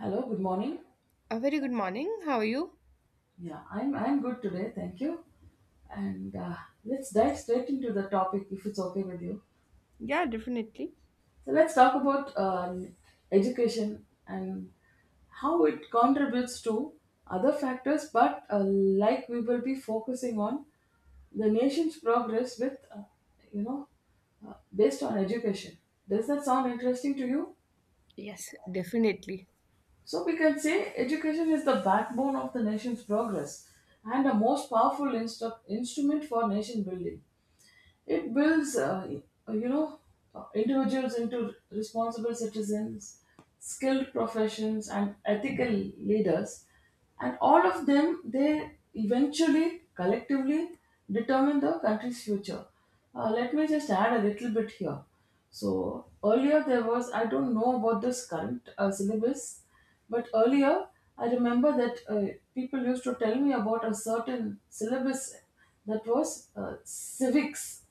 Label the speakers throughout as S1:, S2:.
S1: Hello, good morning.
S2: A very good morning. How are you?
S1: Yeah, I'm good today, thank you. And Let's dive straight into the topic if it's okay with you.
S2: Yeah, definitely.
S1: So let's talk about education and how it contributes to other factors, but like we will be focusing on the nation's progress with you know based on education. Does that sound interesting to you?
S2: Yes, definitely.
S1: So we can say education is the backbone of the nation's progress and a most powerful instrument for nation building. It builds, individuals into responsible citizens, skilled professions, and ethical leaders. And all of them, they eventually, collectively, determine the country's future. Let me just add a little bit here. So earlier there was, I don't know about this current syllabus, but earlier I remember that people used to tell me about a certain syllabus that was civics.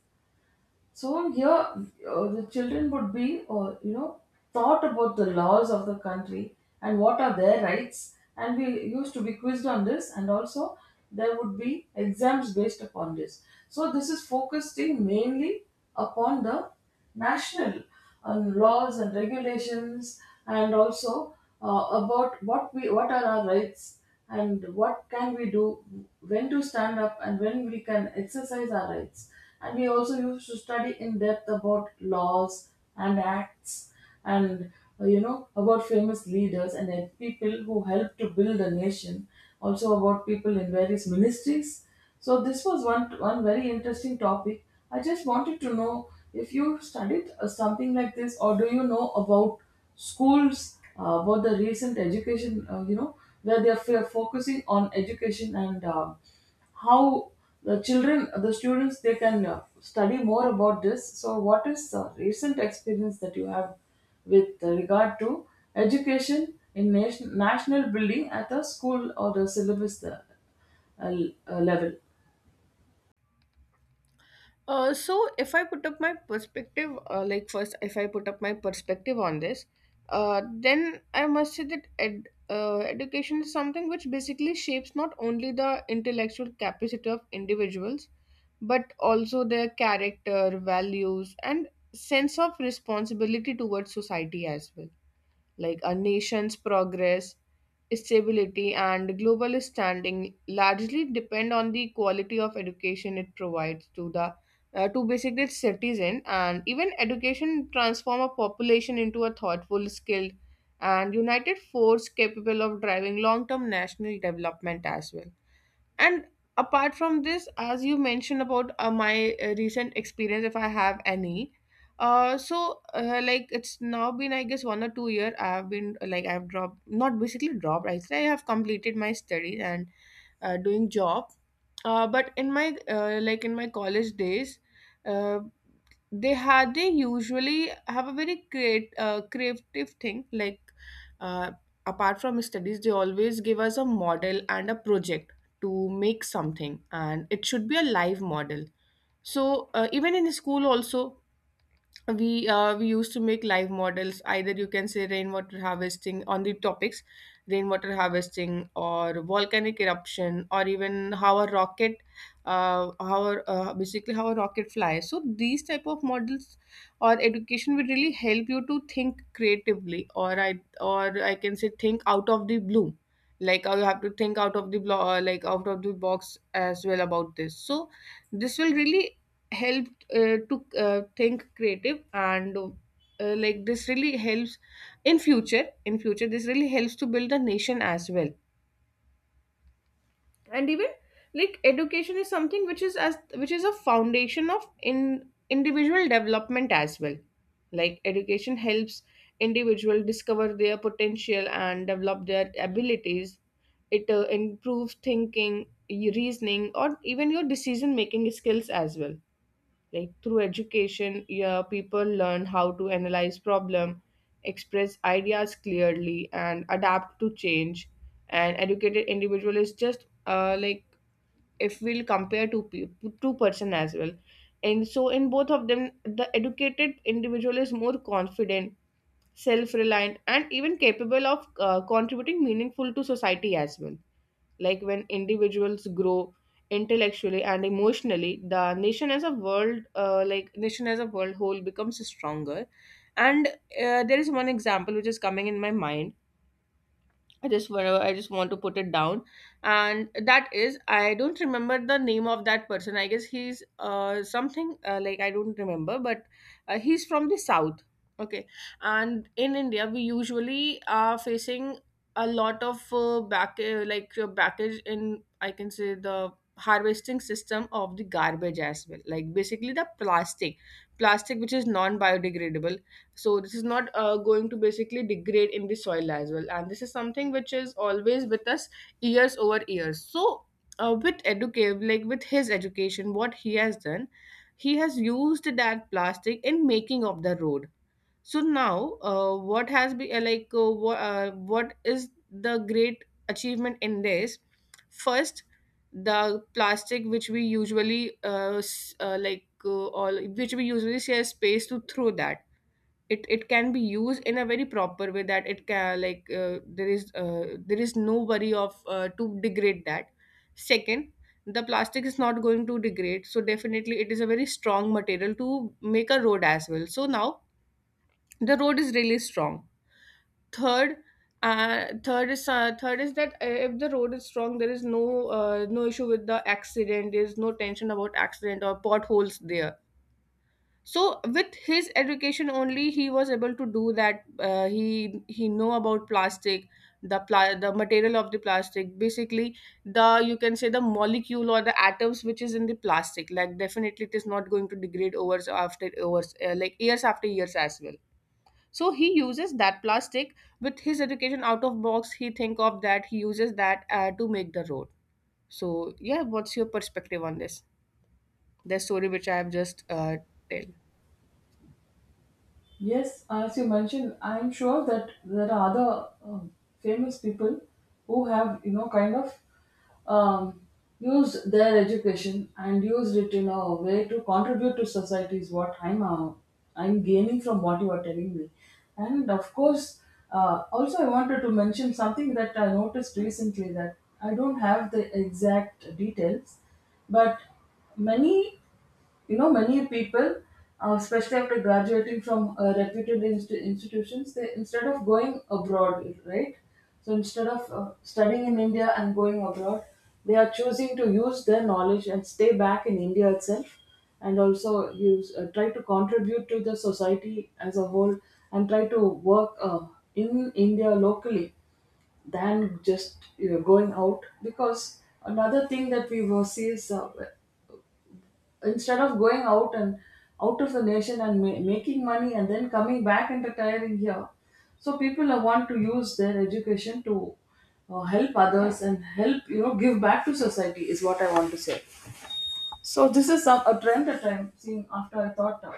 S1: So here, the children would be, taught about the laws of the country and what are their rights. And we used to be quizzed on this, and also there would be exams based upon this. So this is focusing mainly upon the national, on laws and regulations, and also about what are our rights and what can we do, when to stand up and when we can exercise our rights. And we also used to study in depth about laws and acts, and about famous leaders and then people who helped to build a nation, also about people in various ministries. So this was one very interesting topic. I just wanted to know if you studied something like this, or do you know about schools, about the recent education, where they are focusing on education and how the children, the students, they can study more about this. So what is the recent experience that you have with regard to education in nation, national building at the school or the syllabus uh, level?
S2: So if I put up my perspective, like first, if I put up my perspective on this, then I must say that education is something which basically shapes not only the intellectual capacity of individuals, but also their character, values, and sense of responsibility towards society as well. Like a nation's progress, stability, and global standing largely depend on the quality of education it provides to the to basically its citizen, and even education transform a population into a thoughtful, skilled and united force capable of driving long-term national development as well. And apart from this, as you mentioned about my recent experience, if I have any, like it's now been I guess 1 or 2 year. I've been like I've dropped, not basically dropped. I say I have completed my studies and doing job. But in my like in my college days, uh, they usually have a very create creative thing, like uh, apart from studies they always give us a model and a project to make something, and it should be a live model. So even in school also, we used to make live models, either you can say rainwater harvesting, on the topics rainwater harvesting or volcanic eruption or even how a rocket, basically how a rocket flies. So these type of models or education will really help you to think creatively, or I can say think out of the blue. Like you have to think out of the like out of the box as well about this. So this will really help to think creative, and like this really helps in future. In future this really helps to build a nation as well. And even like education is something which is as which is a foundation of in individual development as well. Like education helps individual discover their potential and develop their abilities. It improves thinking, reasoning, or even your decision making skills as well. Like through education, yeah, people learn how to analyze problem, express ideas clearly and adapt to change. And educated individual is just like if we'll compare two people, two-person as well, and so in both of them the educated individual is more confident, self-reliant and even capable of contributing meaningful to society as well. Like when individuals grow intellectually and emotionally, the nation as a world like nation as a world whole becomes stronger. And there is one example which is coming in my mind. I just whenever I just want to put it down, and that is, I don't remember the name of that person. I guess he's something like I don't remember, but he's from the south. Okay, and in India we usually are facing a lot of back like your backage in, I can say, the harvesting system of the garbage as well, like basically the plastic, which is non biodegradable. So this is not going to basically degrade in the soil as well, and this is something which is always with us years over years. So with educate, like with his education, what he has done, he has used that plastic in making of the road. So now what has been like what is the great achievement in this? First, the plastic which we usually all which we usually share space to throw that, it can be used in a very proper way that it can, like there is no worry of to degrade that. Second, the plastic is not going to degrade, so definitely it is a very strong material to make a road as well. So now the road is really strong. Third, third is that if the road is strong, there is no no issue with the accident, there is no tension about accident or potholes there. So with his education only he was able to do that. He know about plastic, the material of the plastic. Basically the, you can say, the molecule or the atoms which is in the plastic, like definitely it is not going to degrade over after hours, like years after years as well. So he uses that plastic, with his education, out of box, he think of that. He uses that to make the road. So yeah, what's your perspective on this, the story which I have just tell?
S1: Yes, as you mentioned, I'm sure that there are other famous people who have, you know, kind of um, used their education and used it in a way to contribute to society. Is what I'm gaining from what you are telling me. And of course, also I wanted to mention something that I noticed recently, that I don't have the exact details, but many, you know, many people, especially after graduating from reputed institutions, they, instead of going abroad, right? So instead of studying in India and going abroad, they are choosing to use their knowledge and stay back in India itself, and also use try to contribute to the society as a whole and try to work in India locally than just, you know, going out. Because another thing that we will see is instead of going out and out of the nation and making money and then coming back and retiring here, so people want to use their education to help others and help, you know, give back to society, is what I want to say. So this is some, a trend that I'm seeing after I thought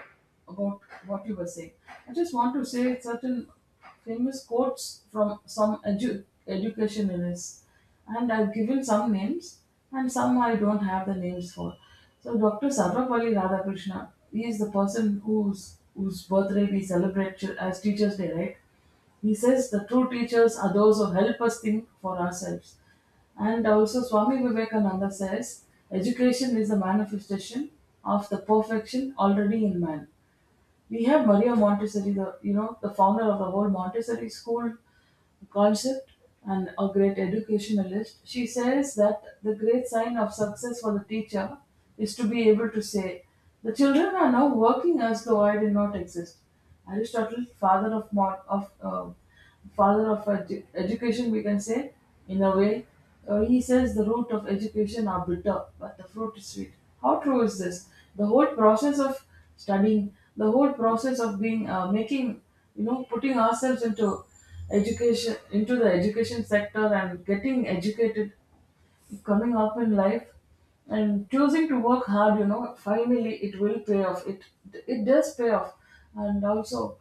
S1: about what you were saying. I just want to say certain famous quotes from some educationalists, and I've given some names and some I don't have the names for. So Dr. Sarvapalli Radhakrishna, he is the person whose birthday we celebrate as Teachers Day, right? He says the true teachers are those who help us think for ourselves. And also, Swami Vivekananda says, education is the manifestation of the perfection already in man. We have Maria Montessori, the, you know, the founder of the whole Montessori school concept and a great educationalist. She says that the great sign of success for the teacher is to be able to say, "The children are now working as though I did not exist." Aristotle, father of, father of education, we can say, in a way, he says the root of education are bitter, but the fruit is sweet. How true is this? The whole process of studying, the whole process of being, making, you know, putting ourselves into education, into the education sector, and getting educated, coming up in life and choosing to work hard, you know, finally it will pay off. It does pay off. And also,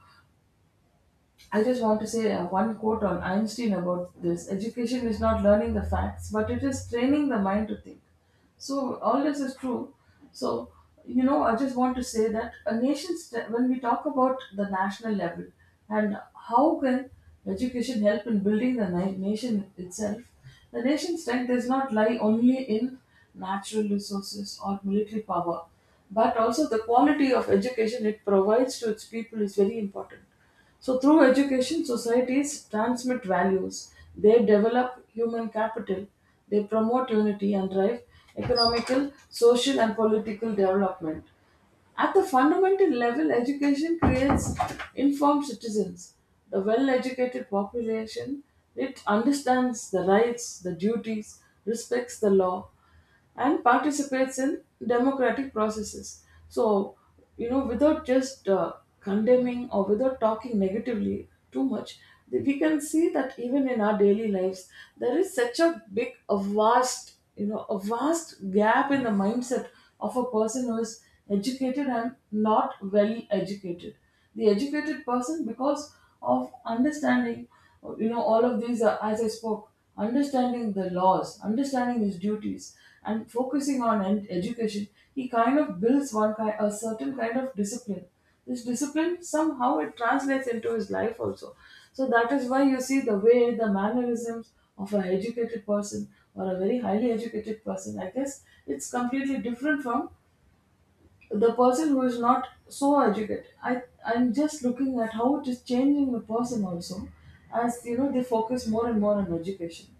S1: I just want to say one quote on Einstein about this: education is not learning the facts, but it is training the mind to think. So, all this is true. So, you know, I just want to say that a nation's, when we talk about the national level and how can education help in building the nation itself, the nation's strength does not lie only in natural resources or military power, but also the quality of education it provides to its people is very important. So, through education, societies transmit values, they develop human capital, they promote unity and drive economical, social, and political development. At the fundamental level, education creates informed citizens. The well educated population, it understands the rights, the duties, respects the law, and participates in democratic processes. So, you know, without just condemning or without talking negatively too much, we can see that even in our daily lives, there is such a big, a vast, you know, a vast gap in the mindset of a person who is educated and not well educated. The educated person, because of understanding, you know, all of these are, as I spoke, understanding the laws, understanding his duties, and focusing on education, he kind of builds one kind, a certain kind of discipline. This discipline somehow, it translates into his life also. So that is why you see the way, the mannerisms of an educated person or a very highly educated person, I guess it's completely different from the person who is not so educated. I'm just looking at how it is changing the person also, as you know, they focus more and more on education.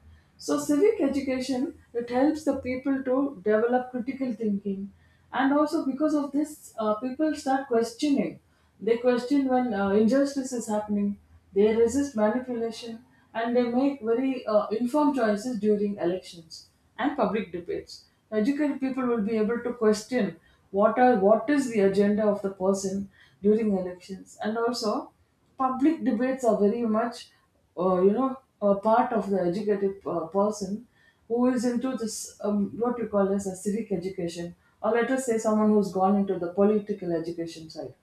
S1: So civic education, it helps the people to develop critical thinking, and also because of this, people start questioning. They question when injustice is happening, they resist manipulation, and they make very informed choices during elections and public debates. Educated people will be able to question what are, what is the agenda of the person during elections, and also public debates are very much a part of the educated person who is into this what you call as a civic education, or let us say someone who's gone into the political education side.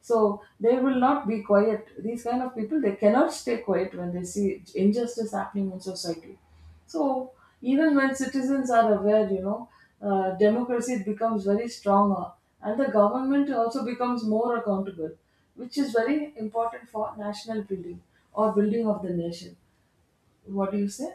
S1: So they will not be quiet. These kind of people, they cannot stay quiet when they see injustice happening in society. So even when citizens are aware, you know, democracy becomes very stronger, and the government also becomes more accountable, which is very important for national building or building of the nation. What do you say?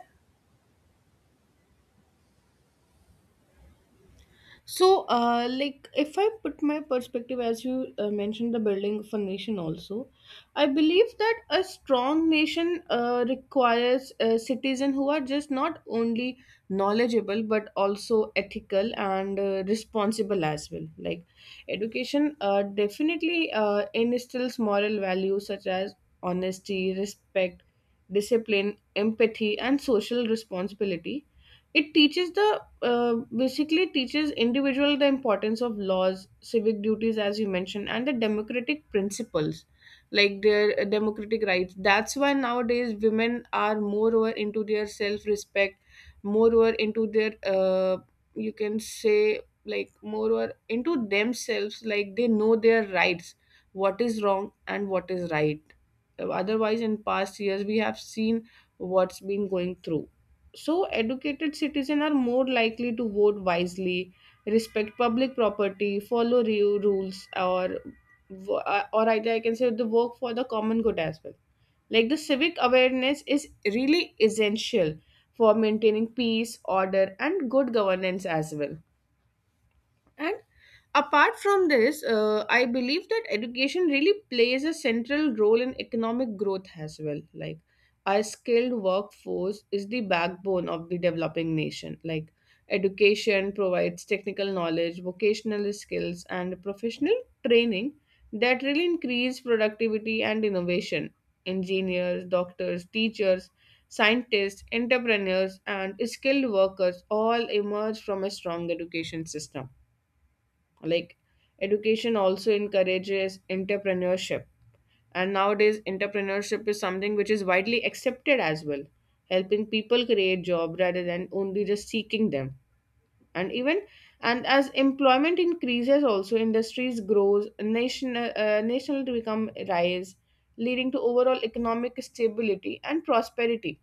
S2: So, like, if I put my perspective, as you mentioned, the building of a nation also, I believe that a strong nation requires citizens who are just not only knowledgeable but also ethical and responsible as well. Like, education definitely instills moral values such as honesty, respect, discipline, empathy, and social responsibility. It teaches the basically teaches individual the importance of laws, civic duties, as you mentioned, and the democratic principles, like their democratic rights. That's why nowadays women are moreover into their self-respect, moreover into their you can say, like moreover into themselves. Like they know their rights, what is wrong and what is right. Otherwise in past years we have seen what's been going through. So, educated citizens are more likely to vote wisely, respect public property, follow rules, or or either I can say the work for the common good as well. Like the civic awareness is really essential for maintaining peace, order, and good governance as well. And apart from this, I believe that education really plays a central role in economic growth as well. Like, a skilled workforce is the backbone of the developing nation. Like, education provides technical knowledge, vocational skills, and professional training that really increase productivity and innovation. Engineers, doctors, teachers, scientists, entrepreneurs, and skilled workers all emerge from a strong education system. Like education also encourages entrepreneurship, and nowadays entrepreneurship is something which is widely accepted as well, helping people create job rather than only just seeking them. And even, and as employment increases also, industries grows, national to become rise, leading to overall economic stability and prosperity.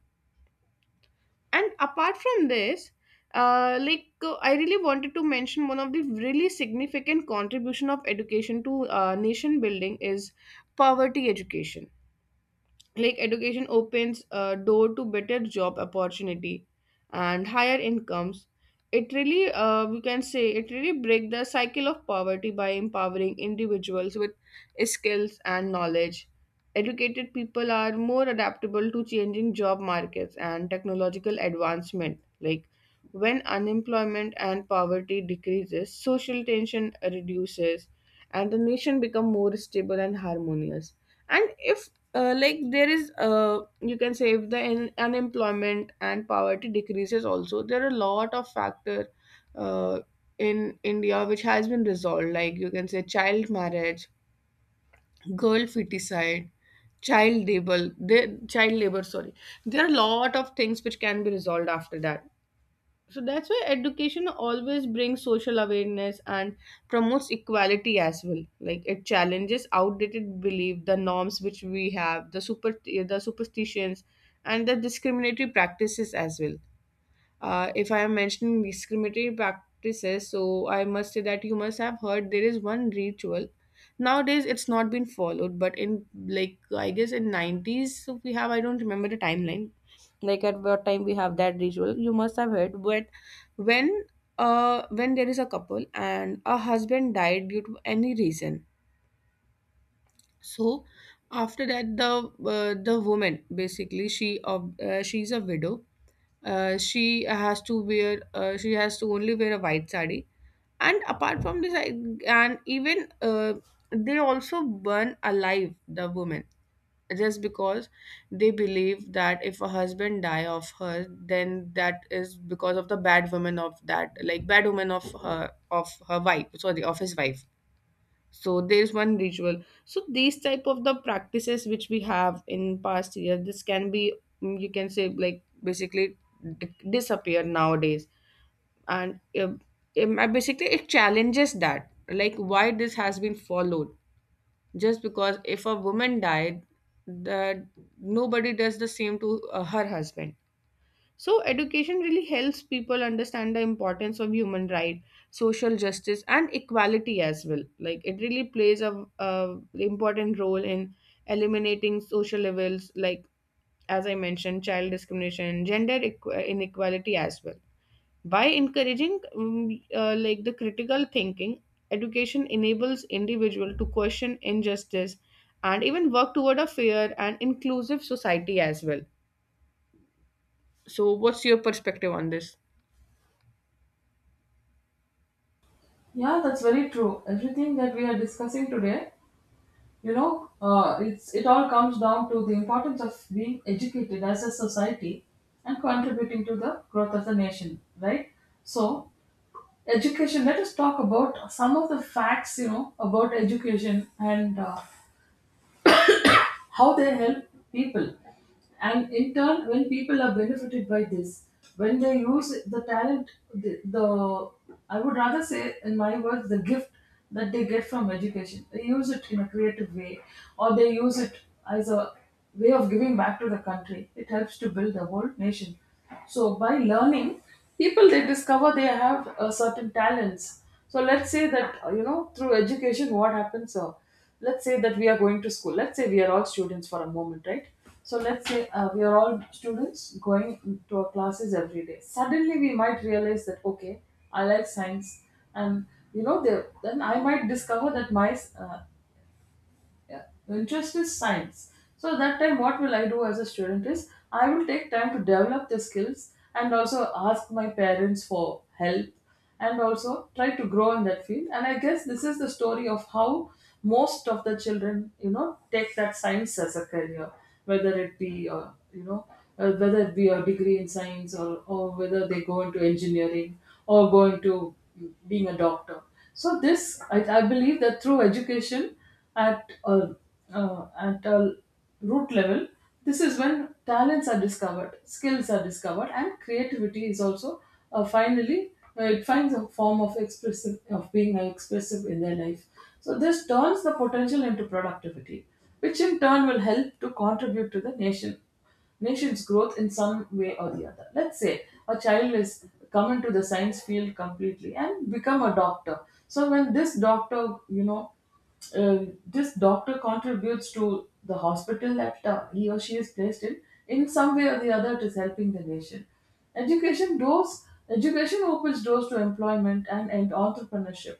S2: And apart from this, I really wanted to mention one of the really significant contribution of education to nation building is poverty education. Like education opens a door to better job opportunity and higher incomes. It really, we can say, it really break the cycle of poverty by empowering individuals with skills and knowledge. Educated people are more adaptable to changing job markets and technological advancement. Like when unemployment and poverty decreases, social tension reduces, and the nation become more stable and harmonious. And if like there is you can say, if the unemployment and poverty decreases also, there are a lot of factor uh, in india which has been resolved, like you can say child marriage, girl feticide, child labor, the child labor, sorry. There are a lot of things which can be resolved after that. So that's why education always brings social awareness and promotes equality as well. Like it challenges outdated belief, the norms which we have, the superstitions, and the discriminatory practices as well. If I am mentioning discriminatory practices, so I must say that you must have heard there is one ritual. Nowadays, it's not been followed, but in like, I guess in 90s, so we have I don't remember the timeline, like at what time we have that ritual you must have heard but when when there is a couple and a husband died due to any reason, so after that the woman, basically, she's a widow. She has to wear she has to only wear a white sari, and apart from this I, and even they also burn alive the woman, just because they believe that if a husband die of her, then that is because of the bad woman of that, like bad woman of her wife, sorry, of his wife. So there is one ritual. So these type of the practices which we have in past year this can be, you can say, like basically disappear nowadays. And basically it challenges that, like, why this has been followed, just because if a woman died, that nobody does the same to her husband. So education really helps people understand the importance of human right, social justice, and equality as well. Like, it really plays a important role in eliminating social levels, like, as I mentioned, child discrimination, gender inequality as well. By encouraging like, the critical thinking, education enables individual to question injustice and even work toward a fair and inclusive society as well. So what's your perspective on this?
S1: Yeah, that's very true. Everything that we are discussing today, you know, it all comes down to the importance of being educated as a society and contributing to the growth of the nation, right? So education, let us talk about some of the facts, you know, about education and how they help people. And in turn, when people are benefited by this, when they use the talent, the I would rather say, in my words, the gift that they get from education, they use it in a creative way, or they use it as a way of giving back to the country. It helps to build the whole nation. So by learning, people, they discover they have certain talents. So let's say that through education, what happens? Let's say that we are going to school, let's say we are all students for a moment, right? So let's say we are all students going to our classes every day. Suddenly we might realize that okay, I like science. And you know, there then I might discover that my uh, yeah, interest is science. So that time what will I do as a student is I will take time to develop the skills and also ask my parents for help, and also try to grow in that field. And I guess this is the story of how most of the children, you know, take that science as a career, whether it be you know whether it be a degree in science, or whether they go into engineering or go into being a doctor. So this I believe that through education at a, at a root level, this is when talents are discovered, skills are discovered, and creativity is also finally it finds a form of expressive of being expressive in their life. So this turns the potential into productivity, which in turn will help to contribute to the nation's growth in some way or the other. Let's say a child is come into the science field completely and become a doctor. So when this doctor, you know, this doctor contributes to the hospital that he or she is placed in some way or the other, it is helping the nation. Education doors, education opens doors to employment and entrepreneurship.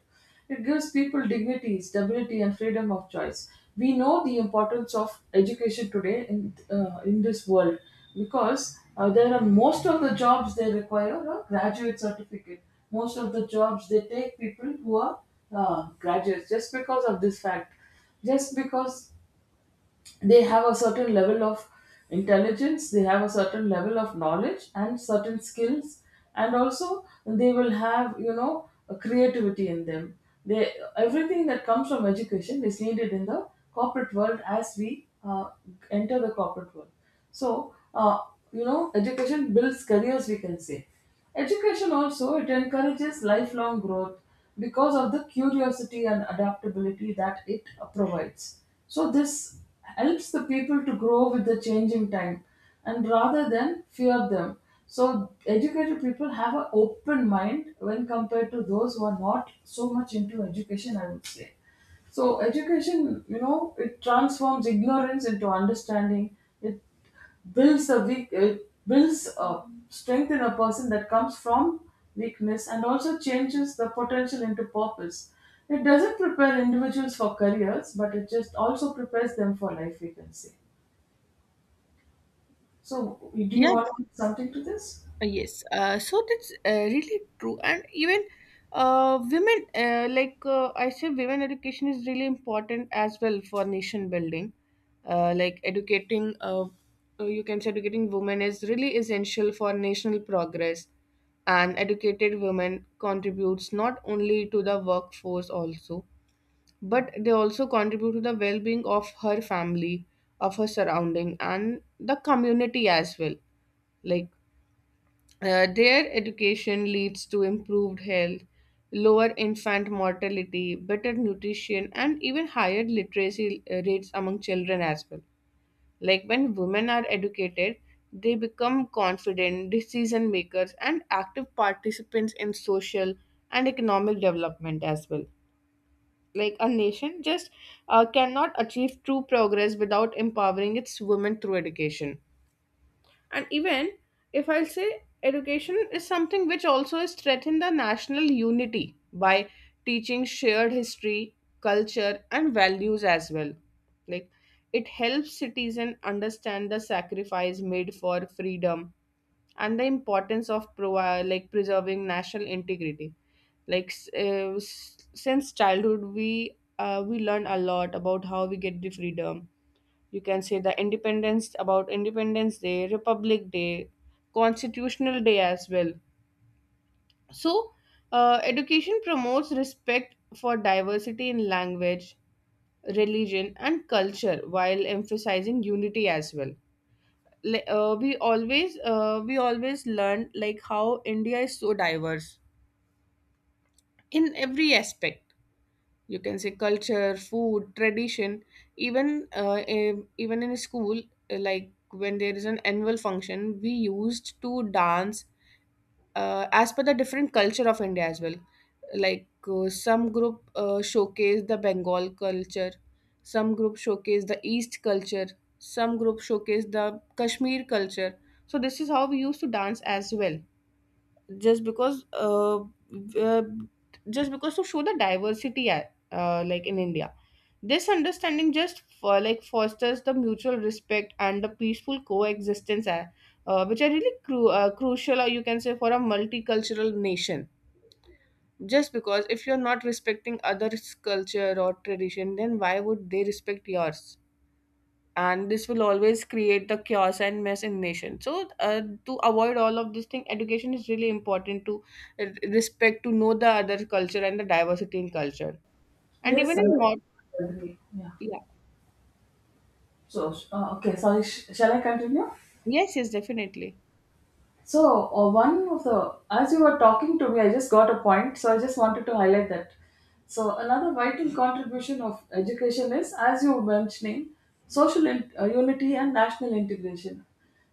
S1: It gives people dignity, stability, and freedom of choice. We know the importance of education today in this world, because there are most of the jobs, they require a graduate certificate. Most of the jobs they take people who are graduates just because of this fact, just because they have a certain level of intelligence, they have a certain level of knowledge and certain skills, and also they will have, you know, a creativity in them. They, everything that comes from education is needed in the corporate world as we enter the corporate world. So you know, education builds careers, we can say. Education also, it encourages lifelong growth because of the curiosity and adaptability that it provides. So this helps the people to grow with the changing time and rather than fear them. So educated people have an open mind when compared to those who are not so much into education, I would say. So education, you know, it transforms ignorance into understanding. It builds a weak it builds a strength in a person that comes from weakness, and also changes the potential into purpose. It doesn't prepare individuals for careers, but it just also prepares them for life, we can say. So do you
S2: Yeah,
S1: want to add something to this?
S2: Yes, so that's really true, and even women, I say, women education is really important as well for nation building. Like educating, you can say, educating women is really essential for national progress, and educated women contributes not only to the workforce also, but they also contribute to the well-being of her family, of her surrounding, and the community as well. Like their education leads to improved health, lower infant mortality, better nutrition, and even higher literacy rates among children as well. Like when women are educated, they become confident, decision makers, and active participants in social and economic development as well. Like a nation just cannot achieve true progress without empowering its women through education. And even if I'll say education is something which also is threatened the national unity by teaching shared history, culture, and values as well. Like it helps citizens understand the sacrifice made for freedom and the importance of like preserving national integrity. Like since childhood, we learn a lot about how we get the freedom, you can say the independence, about independence day, republic day, constitutional day as well. So education promotes respect for diversity in language, religion, and culture while emphasizing unity as well. We always learn, like, how India is so diverse in every aspect. You can say culture, food, tradition, even even in school, like when there is an annual function, we used to dance as per the different culture of India as well. Like some group showcase the Bengal culture, some group showcase the east culture, some group showcase the Kashmir culture. So this is how we used to dance as well. Just because uh, just because to show the diversity, like, in India, this understanding just for, like, fosters the mutual respect and the peaceful coexistence, which are really crucial, or you can say for a multicultural nation. Just because if you're not respecting others culture or tradition, then why would they respect yours? And this will always create the chaos and mess in nation. So to avoid all of this thing, education is really important to respect, to know the other culture and the diversity in culture. And
S1: Yes,
S2: even
S1: I
S2: in mod—
S1: agree, yeah.
S2: yeah.
S1: So okay, sorry, shall I continue?
S2: Yes, yes, definitely.
S1: So, one of the, as you were talking to me, I just got a point. So, I just wanted to highlight that. So, another vital contribution of education is, as you were mentioning, social unity and national integration.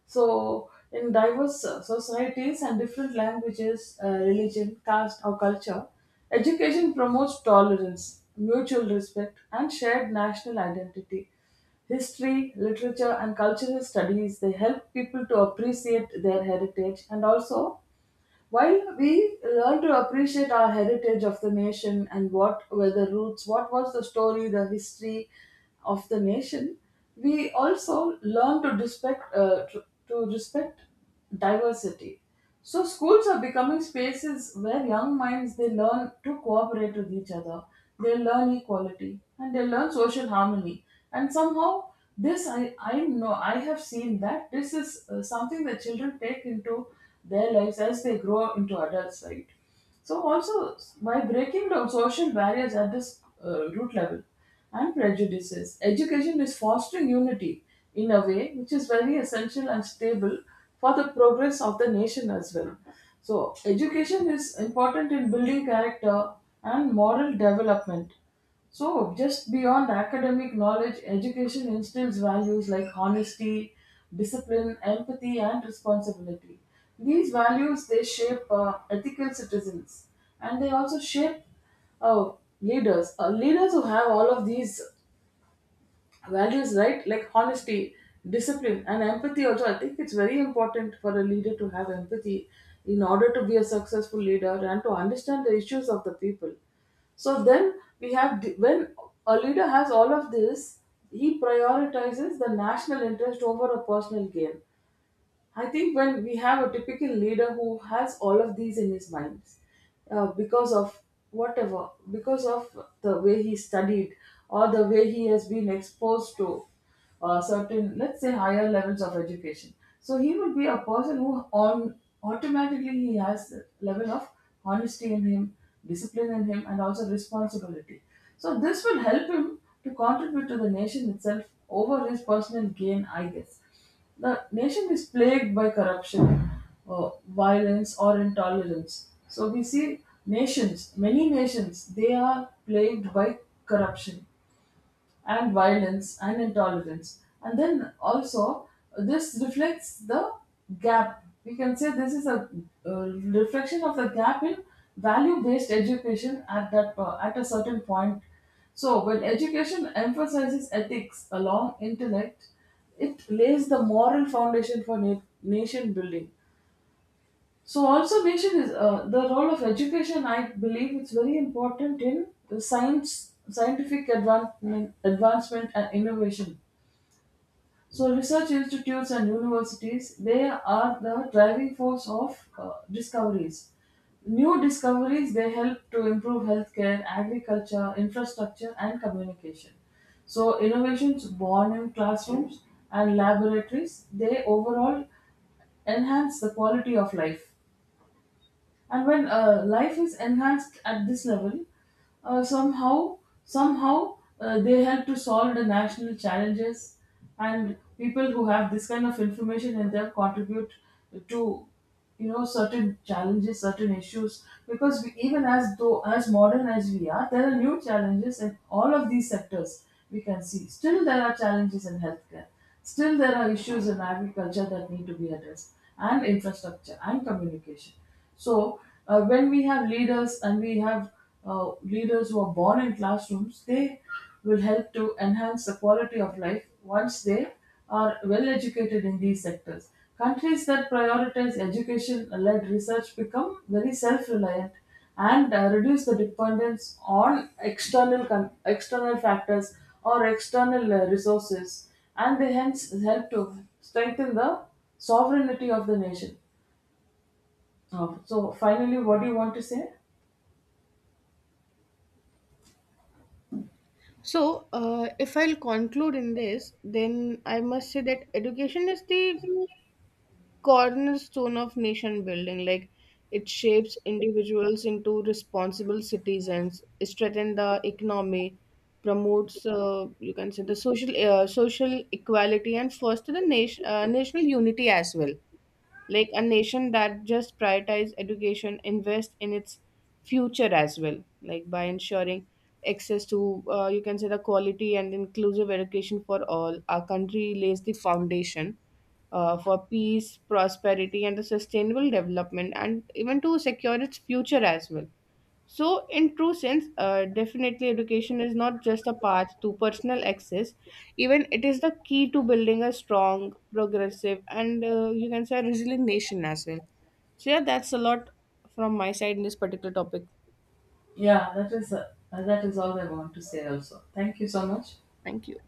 S1: So, in diverse societies and different languages, religion, caste, or culture, education promotes tolerance, mutual respect, and shared national identity. History, literature, and cultural studies, they help people to appreciate their heritage. And also, while we learn to appreciate our heritage of the nation and what were the roots, what was the story, the history of the nation, we also learn to respect to respect diversity. So schools are becoming spaces where young minds, they learn to cooperate with each other, they learn equality, and they learn social harmony. And somehow this I know I have seen that this is something that children take into their lives as they grow into adults, right? So also, by breaking down social barriers at this root level and prejudices, education is fostering unity in a way which is very essential and stable for the progress of the nation as well. So education is important in building character and moral development. So, just beyond academic knowledge, education instills values like honesty, discipline, empathy, and responsibility. These values, they shape ethical citizens, and they also shape uh, leaders. Leaders who have all of these values, right, like honesty, discipline, and empathy. Also, I think it's very important for a leader to have empathy in order to be a successful leader and to understand the issues of the people. So then when a leader has all of this, he prioritizes the national interest over a personal gain. I think when we have a typical leader who has all of these in his mind, because of whatever, because of the way he studied, or the way he has been exposed to certain, let's say, higher levels of education. So he will be a person who on automatically he has a level of honesty in him, discipline in him, and also responsibility. So this will help him to contribute to the nation itself over his personal gain, I guess. The nation is plagued by corruption, violence, or intolerance. So we see nations, many nations, they are plagued by corruption and violence and intolerance. And then also, this reflects the gap. We can say this is a reflection of the gap in value-based education at a certain point. So when education emphasizes ethics along intellect, it lays the moral foundation for nation building. So also mention is the role of education. I believe it's very important in the scientific advancement, advancement and innovation. So research institutes and universities, they are the driving force of discoveries. New discoveries, they help to improve healthcare, agriculture, infrastructure, and communication. So innovations born in classrooms and laboratories, they overall enhance the quality of life. And when life is enhanced at this level, uh, somehow somehow they help to solve the national challenges, and people who have this kind of information in them contribute to, you know, certain challenges, certain issues. Because we, even as though as modern as we are, there are new challenges in all of these sectors. We can see still there are challenges in healthcare, still there are issues in agriculture that need to be addressed, and infrastructure and communication. So when we have leaders, and we have leaders who are born in classrooms, they will help to enhance the quality of life once they are well educated in these sectors. Countries that prioritize education led research become very self reliant and reduce the dependence on external external factors or external resources, and they hence help to strengthen the sovereignty of the nation. Oh, so finally, what do you want to say?
S2: So if I'll conclude in this, then I must say that education is the cornerstone of nation building. Like it shapes individuals into responsible citizens, strengthens the economy, promotes you can say the social equality, and foster the national unity as well. Like a nation that just prioritize education invest in its future as well. Like by ensuring access to you can say the quality and inclusive education for all, our country lays the foundation for peace, prosperity, and the sustainable development, and even to secure its future as well. So, in true sense, definitely education is not just a path to personal access, even it is the key to building a strong, progressive, and you can say a resilient nation as well. So, yeah, that's a lot from my side in this particular topic.
S1: Yeah, that is all I want to say. Also, thank you so much.
S2: Thank you.